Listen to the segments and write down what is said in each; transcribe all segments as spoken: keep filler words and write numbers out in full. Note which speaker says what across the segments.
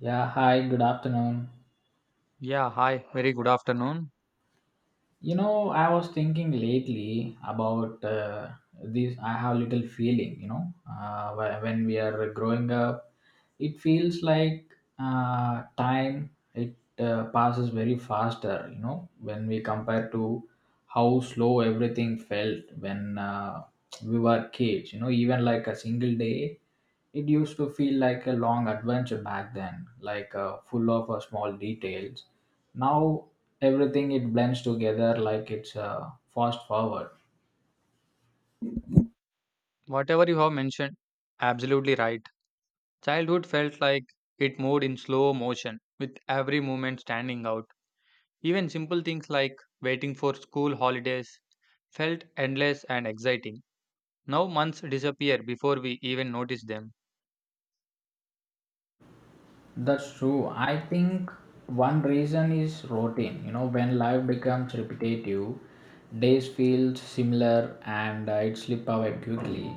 Speaker 1: Yeah, hi, good afternoon.
Speaker 2: Yeah, hi, very good afternoon.
Speaker 1: You know, I was thinking lately about uh, this. I have little feeling, you know, uh, wh- when we are growing up, it feels like uh, time it uh, passes very faster. You know, when we compare to how slow everything felt when uh, we were kids, you know, even like a single day it used to feel like a long adventure back then, like uh, full of uh, small details. Now everything it blends together like it's uh, fast forward.
Speaker 2: Whatever you have mentioned, absolutely right. Childhood felt like it moved in slow motion, with every moment standing out. Even simple things like waiting for school holidays felt endless and exciting. Now months disappear before we even notice them.
Speaker 1: That's true. I think one reason is routine. You know, when life becomes repetitive, days feel similar and uh, it slip away quickly.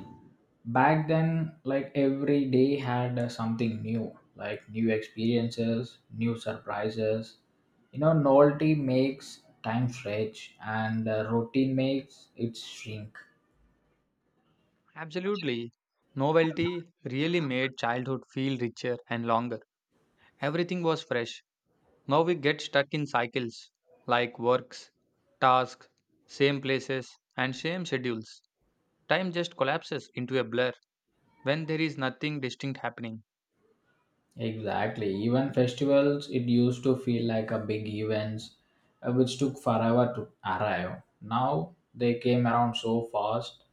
Speaker 1: Back then, like every day had uh, something new, like new experiences, new surprises. You know, novelty makes time stretch and uh, routine makes it shrink.
Speaker 2: Absolutely. Novelty really made childhood feel richer and longer. Everything was fresh. Now we get stuck in cycles like works, tasks, same places, and same schedules. Time just collapses into a blur when there is nothing distinct happening.
Speaker 1: Exactly. Even festivals, it used to feel like a big events, uh, which took forever to arrive. Now they came around so fast.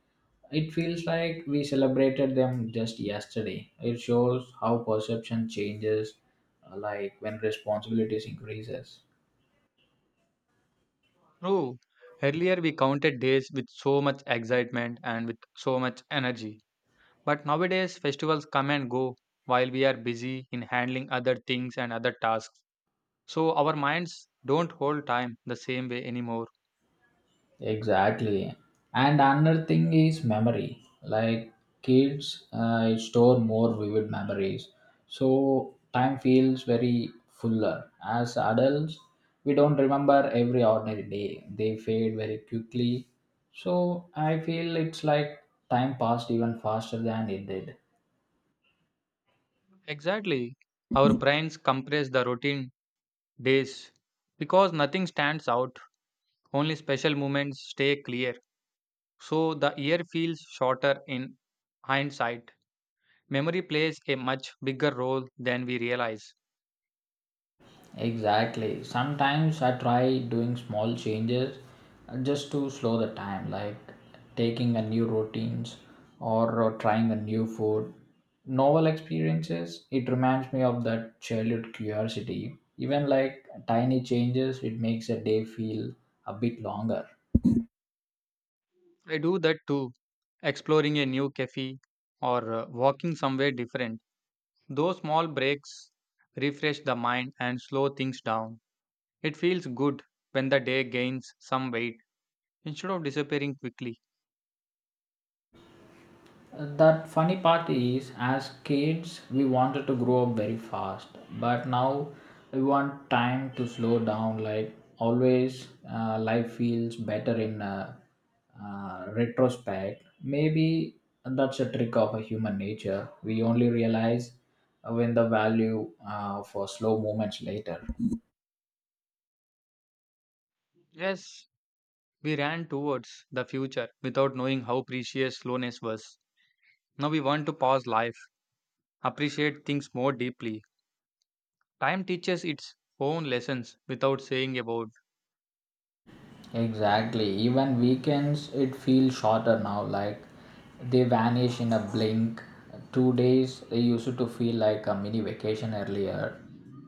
Speaker 1: It feels like we celebrated them just yesterday. It shows how perception changes, uh, like when responsibilities increases.
Speaker 2: True, earlier we counted days with so much excitement and with so much energy. But nowadays, festivals come and go while we are busy in handling other things and other tasks. So our minds don't hold time the same way anymore.
Speaker 1: Exactly. And another thing is memory. Like kids uh, store more vivid memories. So time feels very fuller. As adults, we don't remember every ordinary day. They fade very quickly. So I feel it's like time passed even faster than it did.
Speaker 2: Exactly. Our brains compress the routine days. Because nothing stands out, only special moments stay clear. So the year feels shorter in hindsight. Memory plays a much bigger role than we realize.
Speaker 1: Exactly. Sometimes I try doing small changes, uh, just to slow the time, like taking a new routines, or uh, trying a new food. Novel experiences, it reminds me of that childhood curiosity. Even like tiny changes, it makes a day feel a bit longer.
Speaker 2: I do that too, exploring a new cafe or uh, walking somewhere different. Those small breaks refresh the mind and slow things down. It feels good when the day gains some weight instead of disappearing quickly.
Speaker 1: That funny part is, as kids we wanted to grow up very fast, but now we want time to slow down, like always uh, life feels better in uh, uh, retrospect, maybe. That's a trick of a human nature. We only realize when the value uh, for slow moments later.
Speaker 2: Yes, we ran towards the future without knowing how precious slowness was. Now we want to pause life, appreciate things more deeply. Time teaches its own lessons without saying a word.
Speaker 1: Exactly. Even weekends, it feels shorter now. Like they vanish in a blink. Two days, they used to feel like a mini vacation earlier.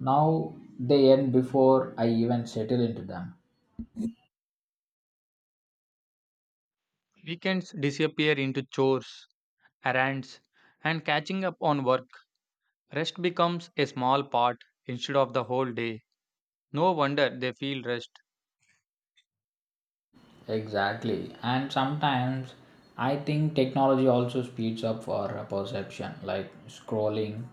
Speaker 1: Now they end before I even settle into them.
Speaker 2: Weekends disappear into chores, errands, and catching up on work. Rest becomes a small part instead of the whole day. No wonder they feel rest.
Speaker 1: Exactly. And sometimes I think technology also speeds up our perception, like scrolling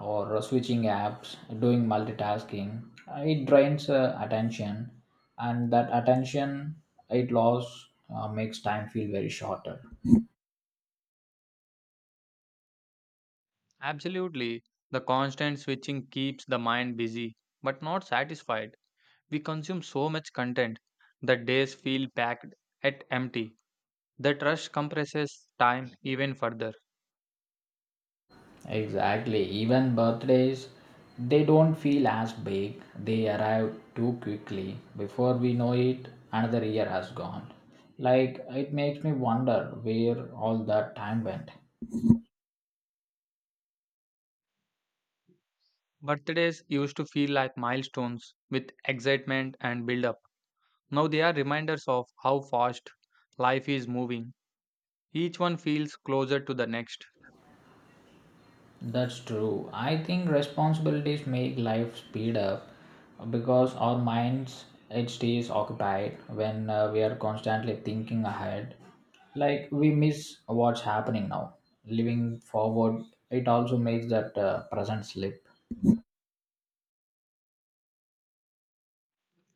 Speaker 1: or switching apps, doing multitasking. Uh, It drains uh, attention, and that attention it loss uh, makes time feel very shorter.
Speaker 2: Absolutely, the constant switching keeps the mind busy but not satisfied. We consume so much content that days feel packed at empty. That rush compresses time even further.
Speaker 1: Exactly. Even birthdays, they don't feel as big. They arrive too quickly. Before we know it, another year has gone. Like, it makes me wonder where all that time went.
Speaker 2: Birthdays used to feel like milestones with excitement and build up. Now they are reminders of how fast life is moving. Each one feels closer to the next.
Speaker 1: That's true. I think responsibilities make life speed up, because our minds it stays occupied when uh, we are constantly thinking ahead. Like we miss what's happening now. Living forward, it also makes that uh, present slip.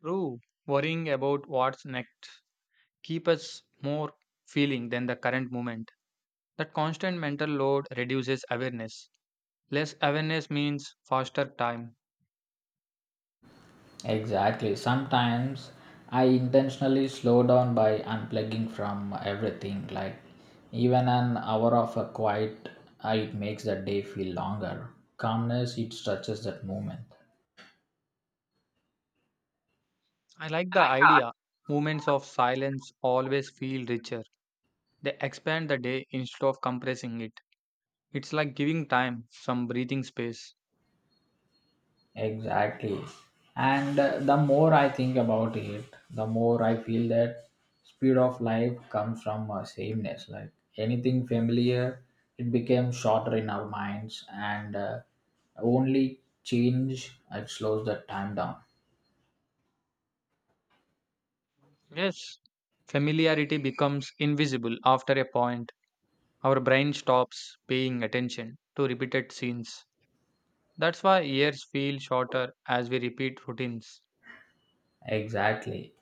Speaker 2: True, worrying about what's next keep us more feeling than the current moment. That constant mental load reduces awareness. Less awareness means faster time.
Speaker 1: Exactly. Sometimes I intentionally slow down by unplugging from everything. Like even an hour of a quiet, uh, it makes the day feel longer. Calmness, it stretches that moment.
Speaker 2: I like the idea. Moments of silence always feel richer. They expand the day instead of compressing it. It's like giving time some breathing space.
Speaker 1: Exactly. And uh, the more I think about it, the more I feel that speed of life comes from uh, sameness. Like anything familiar, it becomes shorter in our minds, and uh, only change, it slows the time down.
Speaker 2: Yes. Familiarity becomes invisible after a point. Our brain stops paying attention to repeated scenes. That's why years feel shorter as we repeat routines.
Speaker 1: Exactly.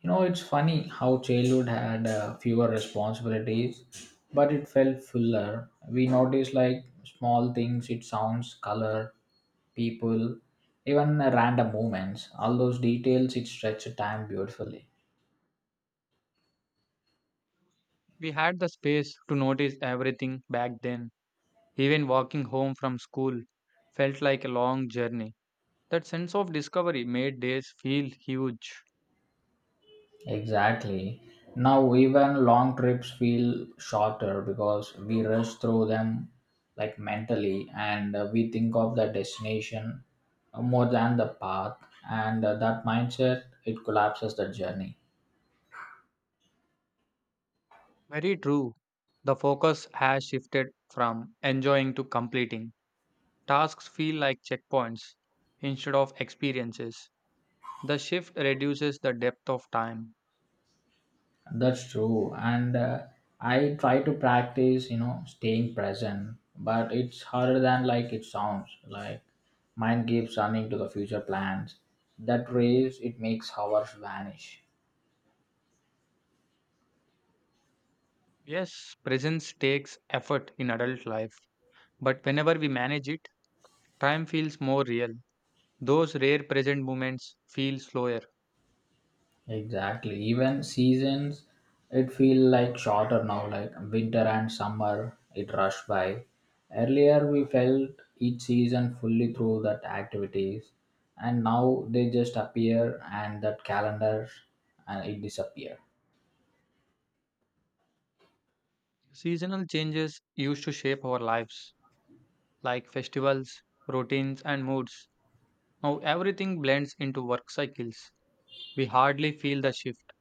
Speaker 1: You know, it's funny how childhood had uh, fewer responsibilities, but it felt fuller. We noticed like small things, it sounds, color, people, even uh, random moments. All those details, it stretched time beautifully.
Speaker 2: We had the space to notice everything back then. Even walking home from school felt like a long journey. That sense of discovery made days feel huge.
Speaker 1: Exactly. Now even long trips feel shorter because we rush through them, like mentally, and uh, we think of the destination more than the path, and uh, that mindset it collapses the journey.
Speaker 2: Very true. The focus has shifted from enjoying to completing. Tasks feel like checkpoints instead of experiences. The shift reduces the depth of time.
Speaker 1: That's true. And uh, I try to practice, you know, staying present, but it's harder than like it sounds. Like mind keeps running to the future plans. That race it makes hours vanish.
Speaker 2: Yes, presence takes effort in adult life, but whenever we manage it, time feels more real. Those rare present moments feel slower.
Speaker 1: Exactly. Even seasons, it feel like shorter now, like winter and summer, it rushed by. Earlier, we felt each season fully through that activities, and now they just appear and that calendar, and it disappear.
Speaker 2: Seasonal changes used to shape our lives, like festivals, routines, and moods. Now everything blends into work cycles. We hardly feel the shift.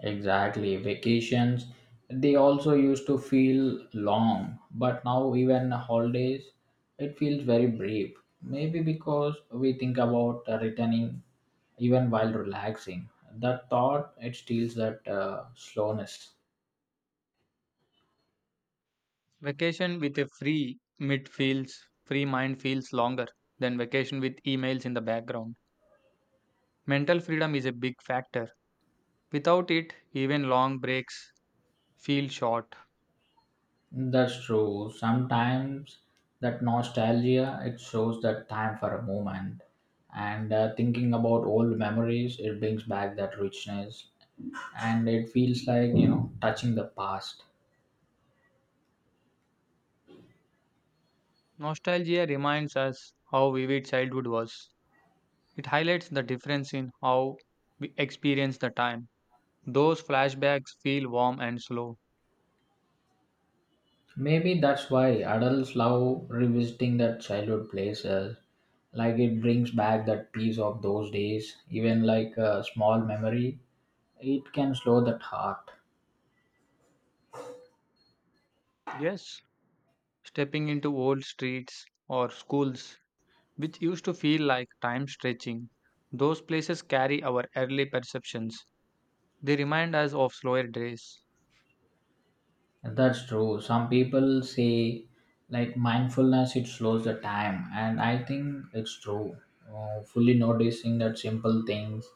Speaker 1: Exactly. Vacations, they also used to feel long, but now even holidays, it feels very brief. Maybe because we think about uh, returning even while relaxing. That thought, it steals that uh, slowness.
Speaker 2: Vacation with a free mid feels, free mind feels longer than vacation with emails in the background. Mental freedom is a big factor. Without it, even long breaks feel short.
Speaker 1: That's true. Sometimes that nostalgia, it shows that time for a moment. And uh, thinking about old memories, it brings back that richness. And it feels like, you know, touching the past.
Speaker 2: Nostalgia reminds us how vivid childhood was. It highlights the difference in how we experience the time. Those flashbacks feel warm and slow.
Speaker 1: Maybe that's why adults love revisiting that childhood places. Like it brings back that peace of those days. Even like a small memory, it can slow that heart.
Speaker 2: Yes, stepping into old streets or schools which used to feel like time stretching. Those places carry our early perceptions. They remind us of slower days.
Speaker 1: That's true. Some people say like mindfulness, it slows the time. And I think it's true. Uh, fully noticing that simple things,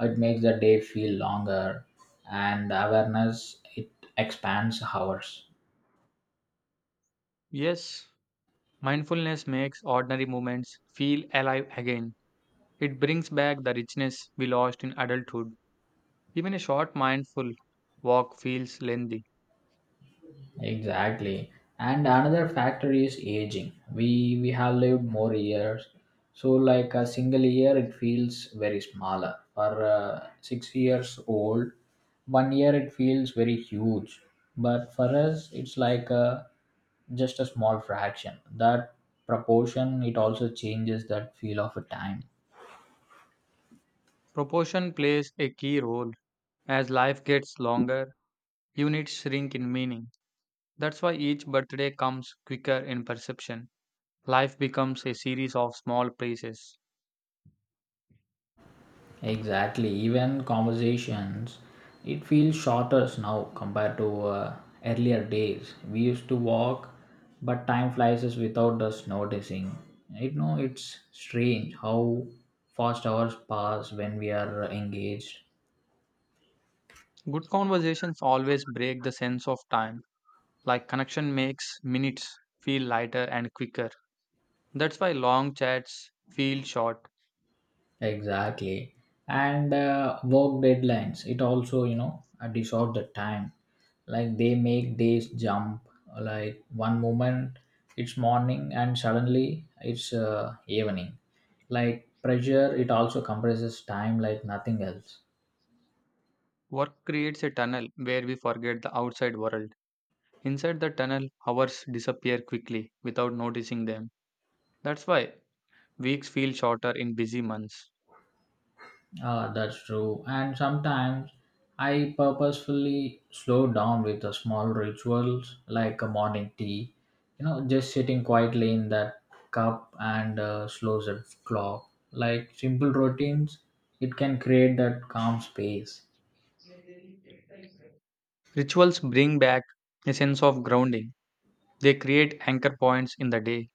Speaker 1: it makes the day feel longer. And awareness, it expands hours.
Speaker 2: Yes, mindfulness makes ordinary moments feel alive again. It brings back the richness we lost in adulthood. Even a short mindful walk feels lengthy.
Speaker 1: Exactly. And another factor is aging. We we have lived more years. So like a single year it feels very smaller. For uh, six years old, one year it feels very huge. But for us it's like a just a small fraction. That proportion it also changes that feel of a time.
Speaker 2: Proportion plays a key role. As life gets longer, units shrink in meaning. That's why each birthday comes quicker in perception. Life becomes a series of small places.
Speaker 1: Exactly. Even conversations, it feels shorter now compared to uh, earlier days. We used to walk, but time flies us without us noticing. You know, it's strange how fast hours pass when we are engaged.
Speaker 2: Good conversations always break the sense of time, like connection makes minutes feel lighter and quicker. That's why long chats feel short.
Speaker 1: Exactly. And uh, work deadlines, it also, you know, uh, distort the time. Like they make days jump. Like one moment it's morning, and suddenly it's uh, evening. Like pressure, it also compresses time like nothing else.
Speaker 2: Work creates a tunnel where we forget the outside world. Inside the tunnel, hours disappear quickly without noticing them. That's why weeks feel shorter in busy months.
Speaker 1: Ah, that's true. And sometimes I purposefully slow down with the small rituals, like a morning tea. You know, just sitting quietly in that cup and uh, slows the clock. Like simple routines, it can create that calm space.
Speaker 2: Rituals bring back a sense of grounding. They create anchor points in the day.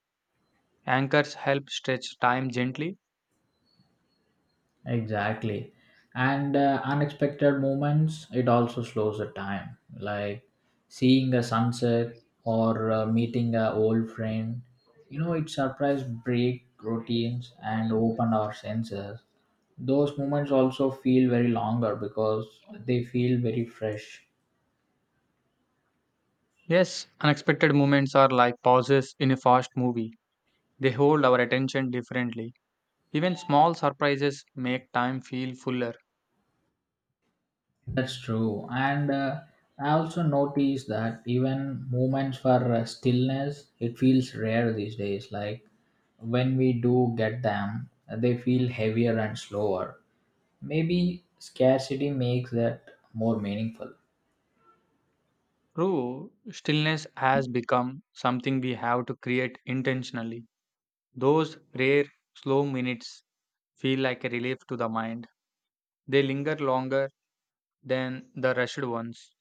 Speaker 2: Anchors help stretch time gently.
Speaker 1: Exactly. And uh, unexpected moments, it also slows the time. Like seeing a sunset, or uh, meeting a old friend. You know, it surprise break routines and open our senses. Those moments also feel very longer because they feel very fresh.
Speaker 2: Yes, unexpected moments are like pauses in a fast movie. They hold our attention differently. Even small surprises make time feel fuller.
Speaker 1: That's true. And uh, I also noticed that even moments for uh, stillness, it feels rare these days. Like when we do get them, uh, they feel heavier and slower. Maybe scarcity makes that more meaningful.
Speaker 2: True, stillness has become something we have to create intentionally. Those rare, slow minutes feel like a relief to the mind. They linger longer than the rushed ones.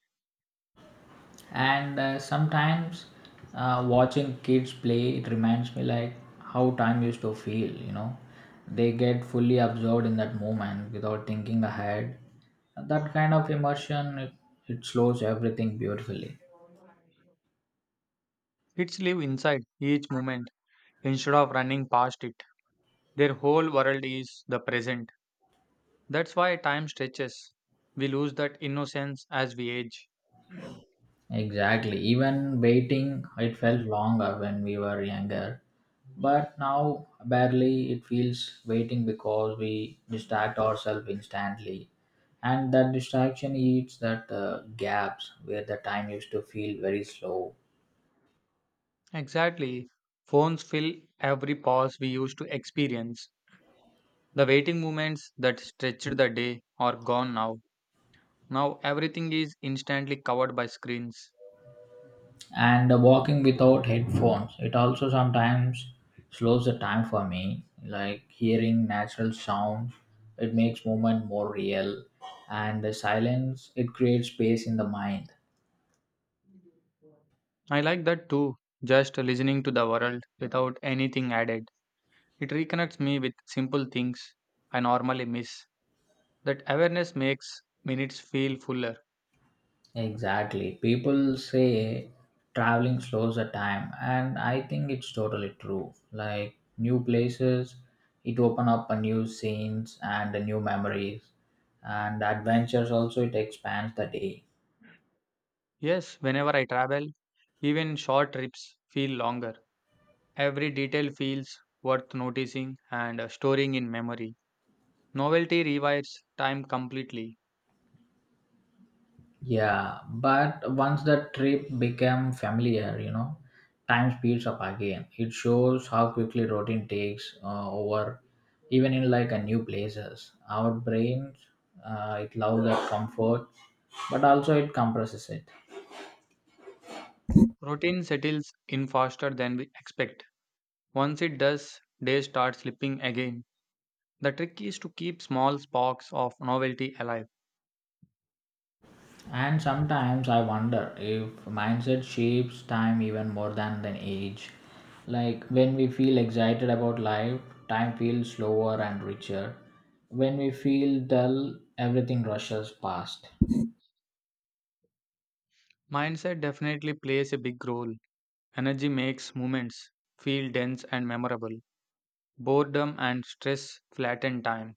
Speaker 1: And uh, sometimes uh, watching kids play it reminds me like how time used to feel. You know, they get fully absorbed in that moment without thinking ahead. That kind of immersion, it, it slows everything beautifully.
Speaker 2: Kids live inside each moment instead of running past it. Their whole world is the present. That's why time stretches. We lose that innocence as we age.
Speaker 1: Exactly. Even waiting, it felt longer when we were younger. But now, barely, it feels waiting because we distract ourselves instantly. And that distraction eats that uh, gaps where the time used to feel very slow.
Speaker 2: Exactly. Phones fill every pause we used to experience. The waiting moments that stretched the day are gone now. Now everything is instantly covered by screens.
Speaker 1: And uh, walking without headphones, it also sometimes slows the time for me. Like hearing natural sound, it makes movement more real. And the silence, it creates space in the mind.
Speaker 2: I like that too. Just listening to the world without anything added. It reconnects me with simple things I normally miss. That awareness makes minutes feel fuller.
Speaker 1: Exactly. People say traveling slows the time, and I think it's totally true. Like new places, it open up a new scenes and a new memories, and adventures also it expands the day.
Speaker 2: Yes, whenever I travel, even short trips feel longer. Every detail feels worth noticing and uh, storing in memory. Novelty rewires time completely.
Speaker 1: Yeah, but once the trip became familiar, you know, time speeds up again. It shows how quickly routine takes uh, over, even in like a new places. Our brains, uh, it loves that comfort, but also it compresses it.
Speaker 2: Routine settles in faster than we expect. Once it does, days start slipping again. The trick is to keep small sparks of novelty alive.
Speaker 1: And sometimes I wonder if mindset shapes time even more than than age. Like when we feel excited about life, time feels slower and richer. When we feel dull, everything rushes past.
Speaker 2: Mindset definitely plays a big role. Energy makes moments feel dense and memorable. Boredom and stress flatten time.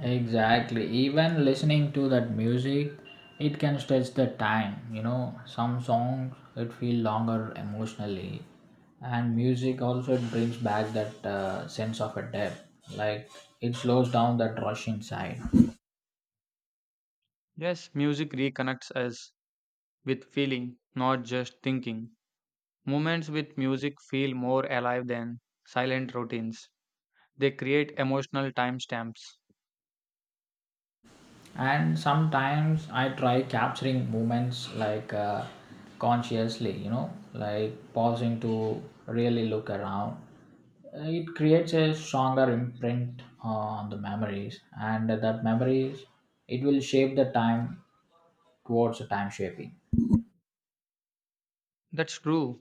Speaker 1: Exactly. Even listening to that music, it can stretch the time. You know, some songs it feel longer emotionally, and music also it brings back that uh, sense of a depth. Like it slows down that rush inside.
Speaker 2: Yes, music reconnects us with feeling, not just thinking. Moments with music feel more alive than silent routines. They create emotional timestamps.
Speaker 1: And sometimes I try capturing moments, like uh, consciously, you know, like pausing to really look around. Uh, it creates a stronger imprint on the memories, and that memories it will shape the time towards the time shaping.
Speaker 2: That's true.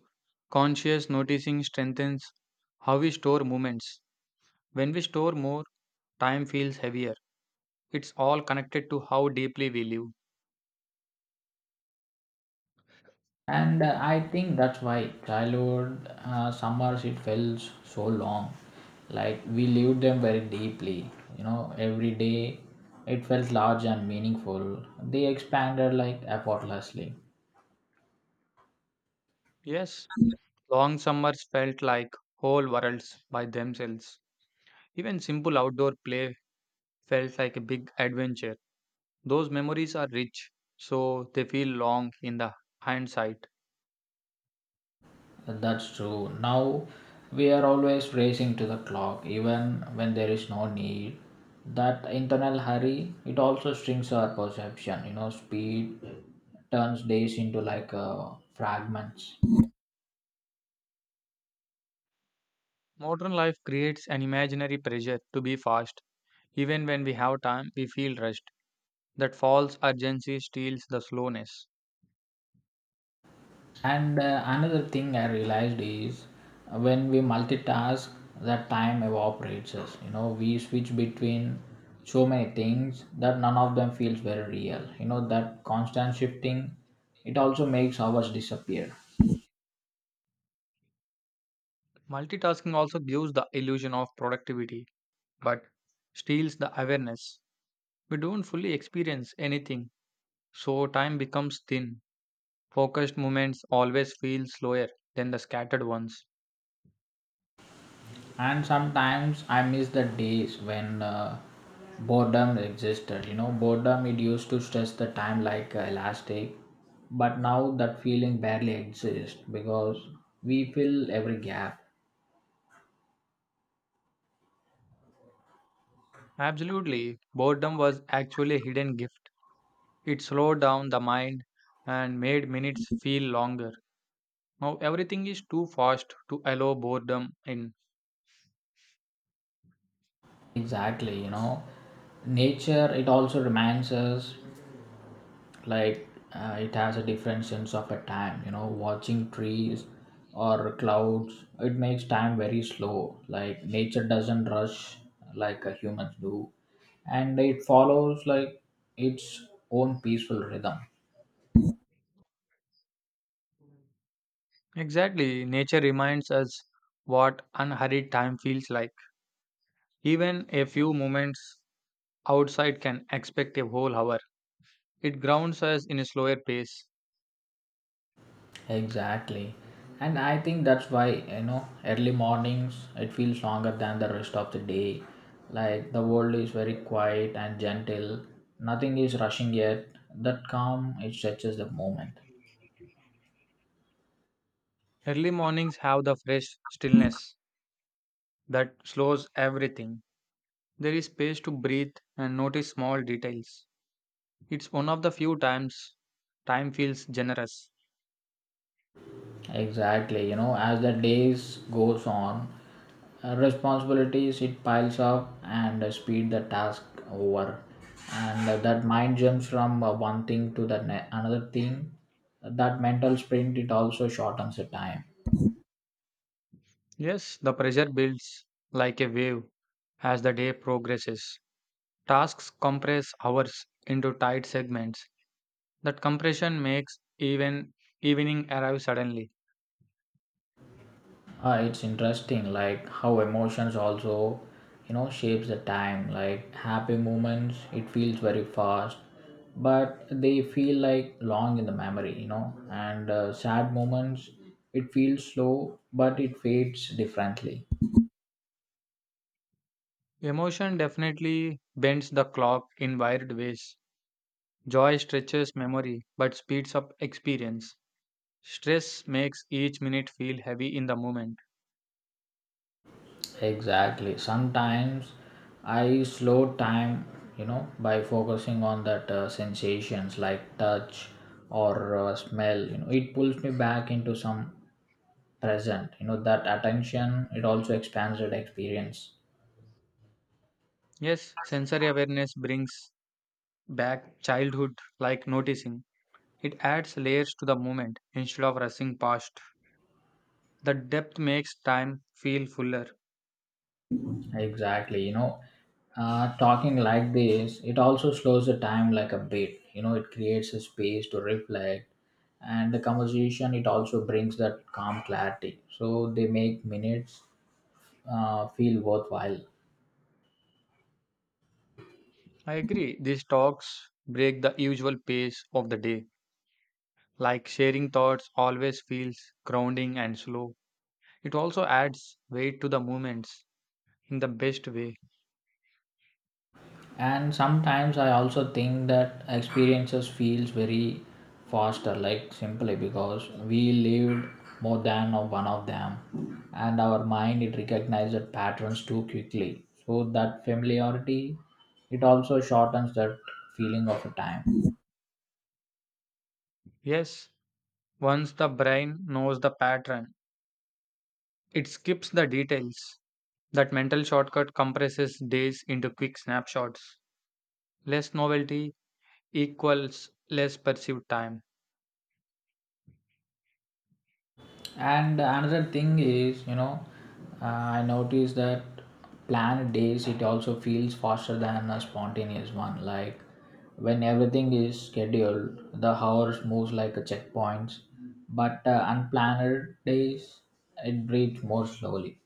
Speaker 2: Conscious noticing strengthens how we store moments. When we store more, time feels heavier. It's all connected to how deeply we live.
Speaker 1: And uh, I think that's why childhood uh, summers it felt so long. Like we lived them very deeply. You know, every day it felt large and meaningful. They expanded like effortlessly.
Speaker 2: Yes, long summers felt like whole worlds by themselves. Even simple outdoor play felt like a big adventure. Those memories are rich, so they feel long in the hindsight.
Speaker 1: That's true. Now we are always racing to the clock, even when there is no need. That internal hurry it also strings our perception. You know, speed turns days into like uh, fragments.
Speaker 2: Modern life creates an imaginary pressure to be fast. Even when we have time, we feel rushed. That false urgency steals the slowness.
Speaker 1: And uh, another thing I realized is uh, when we multitask, that time evaporates us. You know, we switch between so many things that none of them feels very real. You know, that constant shifting, it also makes hours disappear.
Speaker 2: Multitasking also gives the illusion of productivity, but steals the awareness. We don't fully experience anything, so time becomes thin. Focused moments always feel slower than the scattered ones.
Speaker 1: And sometimes I miss the days when uh, boredom existed. You know, boredom it used to stretch the time like uh, elastic, but now that feeling barely exists because we fill every gap.
Speaker 2: Absolutely, boredom was actually a hidden gift. It slowed down the mind and made minutes feel longer. Now everything is too fast to allow boredom in.
Speaker 1: Exactly, you know, nature it also reminds us like uh, it has a different sense of a time. You know, watching trees or clouds, it makes time very slow. Like nature doesn't rush like a humans do, and it follows like its own peaceful rhythm.
Speaker 2: Exactly, nature reminds us what unhurried time feels like. Even a few moments outside can expect a whole hour. It grounds us in a slower pace.
Speaker 1: Exactly. And I think that's why, you know, early mornings it feels longer than the rest of the day. Like the world is very quiet and gentle. Nothing is rushing yet. That calm it stretches the moment.
Speaker 2: Early mornings have the fresh stillness that slows everything. There is space to breathe and notice small details. It's one of the few times time feels generous.
Speaker 1: Exactly. You know, as the days goes on, uh, responsibilities it piles up and uh, speed the task over. And uh, that mind jumps from uh, one thing to the ne- another thing. That mental sprint it also shortens the time.
Speaker 2: Yes, the pressure builds like a wave as the day progresses. Tasks compress hours into tight segments. That compression makes even evening arrive suddenly.
Speaker 1: Uh, it's interesting, like how emotions also, you know, shapes the time. Like happy moments, it feels very fast, but they feel like long in the memory, you know. And uh, sad moments, it feels slow, but it fades differently.
Speaker 2: Emotion definitely bends the clock in wired ways. Joy stretches memory but speeds up experience. Stress makes each minute feel heavy in the moment.
Speaker 1: Exactly. Sometimes I slow time, you know, by focusing on that uh, sensations like touch or uh, smell. You know, it pulls me back into some present, you know, that attention it also expands that experience.
Speaker 2: Yes, sensory awareness brings back childhood like noticing. It adds layers to the moment instead of rushing past. The depth makes time feel fuller.
Speaker 1: Exactly. You know, uh, talking like this it also slows the time like a bit, you know, it creates a space to reflect, and the conversation it also brings that calm clarity, so they make minutes uh, feel worthwhile.
Speaker 2: I agree. These talks break the usual pace of the day. Like sharing thoughts always feels grounding and slow. It also adds weight to the movements in the best way.
Speaker 1: And sometimes I also think that experiences feels very faster, like simply because we lived more than of one of them, and our mind it recognizes patterns too quickly, so that familiarity it also shortens that feeling of a time.
Speaker 2: Yes, once the brain knows the pattern, it skips the details. That mental shortcut compresses days into quick snapshots. Less novelty equals less perceived time.
Speaker 1: And another thing is, you know, uh, I noticed that planned days it also feels faster than a spontaneous one. Like when everything is scheduled, the hours moves like a checkpoints. But uh, unplanned days, it breathes more slowly.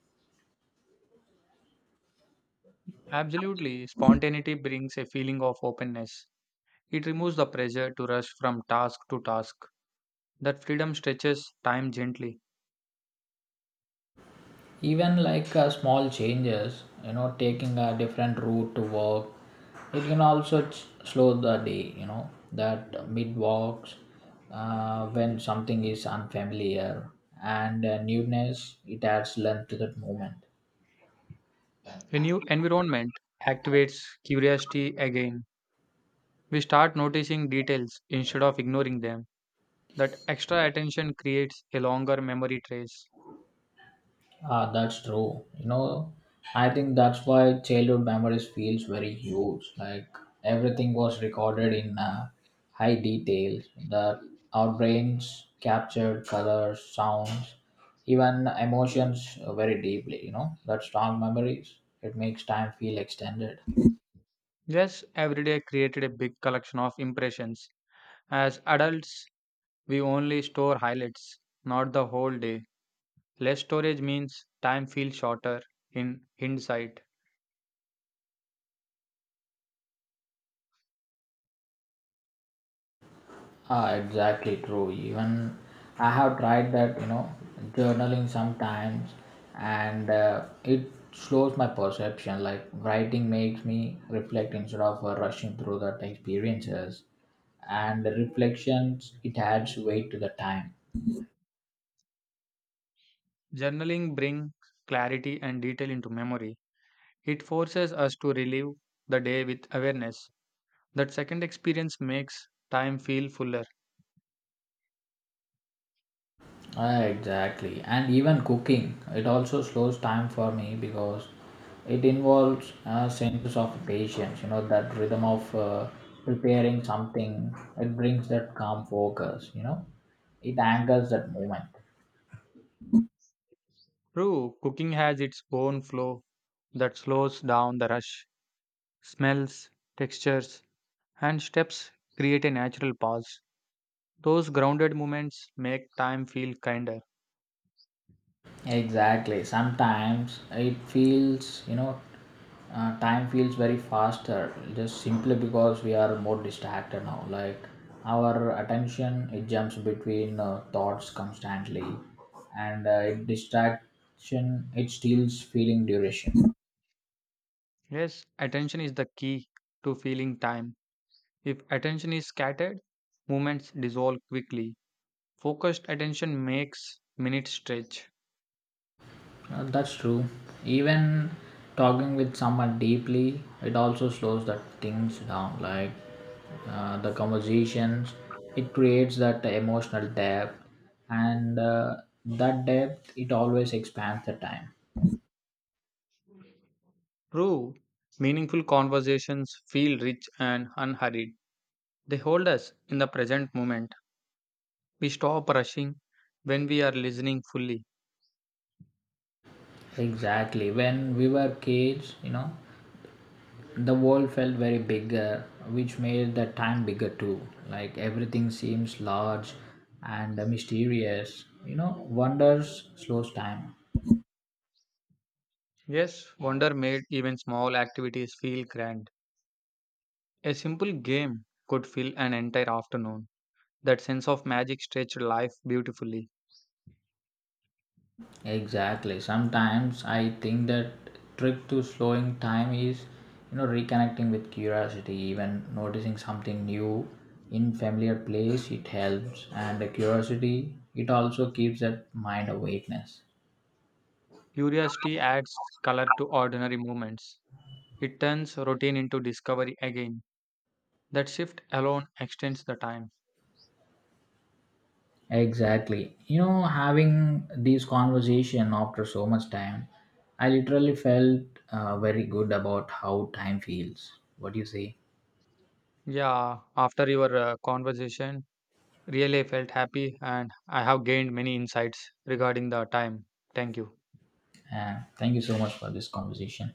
Speaker 2: Absolutely, spontaneity brings a feeling of openness. It removes the pressure to rush from task to task. That freedom stretches time gently.
Speaker 1: Even like uh, small changes, you know, taking a different route to work it can also ch- slow the day, you know, that mid walks uh, when something is unfamiliar, and uh, newness it adds length to that moment.
Speaker 2: A new environment activates curiosity again. We start noticing details instead of ignoring them. That extra attention creates a longer memory trace.
Speaker 1: Ah, that's true. You know, I think that's why childhood memories feels very huge. Like everything was recorded in uh, high detail. That our brains captured colors, sounds, even emotions uh, very deeply. You know, that strong memories. It makes time feel extended.
Speaker 2: Yes, every day created a big collection of impressions. As adults, we only store highlights, not the whole day. Less storage means time feels shorter in hindsight.
Speaker 1: Ah, exactly true. Even I have tried that, you know, journaling sometimes, and uh, it slows my perception. Like writing makes me reflect instead of uh, rushing through that experiences, and the reflections it adds weight to the time.
Speaker 2: Journaling brings clarity and detail into memory. It forces us to relive the day with awareness. That second experience makes time feel fuller.
Speaker 1: Ah, exactly. And even cooking, it also slows time for me because it involves a sense of patience, you know, that rhythm of uh, preparing something. It brings that calm focus, you know, it anchors that moment.
Speaker 2: True, cooking has its own flow that slows down the rush. Smells, textures, and steps create a natural pause. Those grounded moments make time feel kinder.
Speaker 1: Exactly. Sometimes it feels, you know, uh, time feels very faster just simply because we are more distracted now. Like our attention, it jumps between uh, thoughts constantly, and uh, it distraction it steals feeling duration.
Speaker 2: Yes, attention is the key to feeling time. If attention is scattered, moments dissolve quickly. Focused attention makes minutes stretch.
Speaker 1: Uh, that's true. Even talking with someone deeply, it also slows that things down. Like uh, the conversations, it creates that emotional depth, and uh, that depth it always expands the time.
Speaker 2: True. Meaningful conversations feel rich and unhurried. They hold us in the present moment. We stop rushing when we are listening fully.
Speaker 1: Exactly. When we were kids, you know, the world felt very bigger, which made the time bigger too. Like everything seems large and mysterious. You know, wonders slows time.
Speaker 2: Yes, wonder made even small activities feel grand. A simple game could fill an entire afternoon. That sense of magic stretched life beautifully.
Speaker 1: Exactly. Sometimes I think that trick to slowing time is, you know, reconnecting with curiosity, even noticing something new in familiar place, it helps. And the curiosity, it also keeps that mind awakeness.
Speaker 2: Curiosity adds color to ordinary moments. It turns routine into discovery again. That shift alone extends the time.
Speaker 1: Exactly. You know, having this conversation after so much time, I literally felt uh, very good about how time feels. What do you say?
Speaker 2: Yeah, after your uh, conversation, really felt happy and I have gained many insights regarding the time. Thank you.
Speaker 1: And thank you so much for this conversation.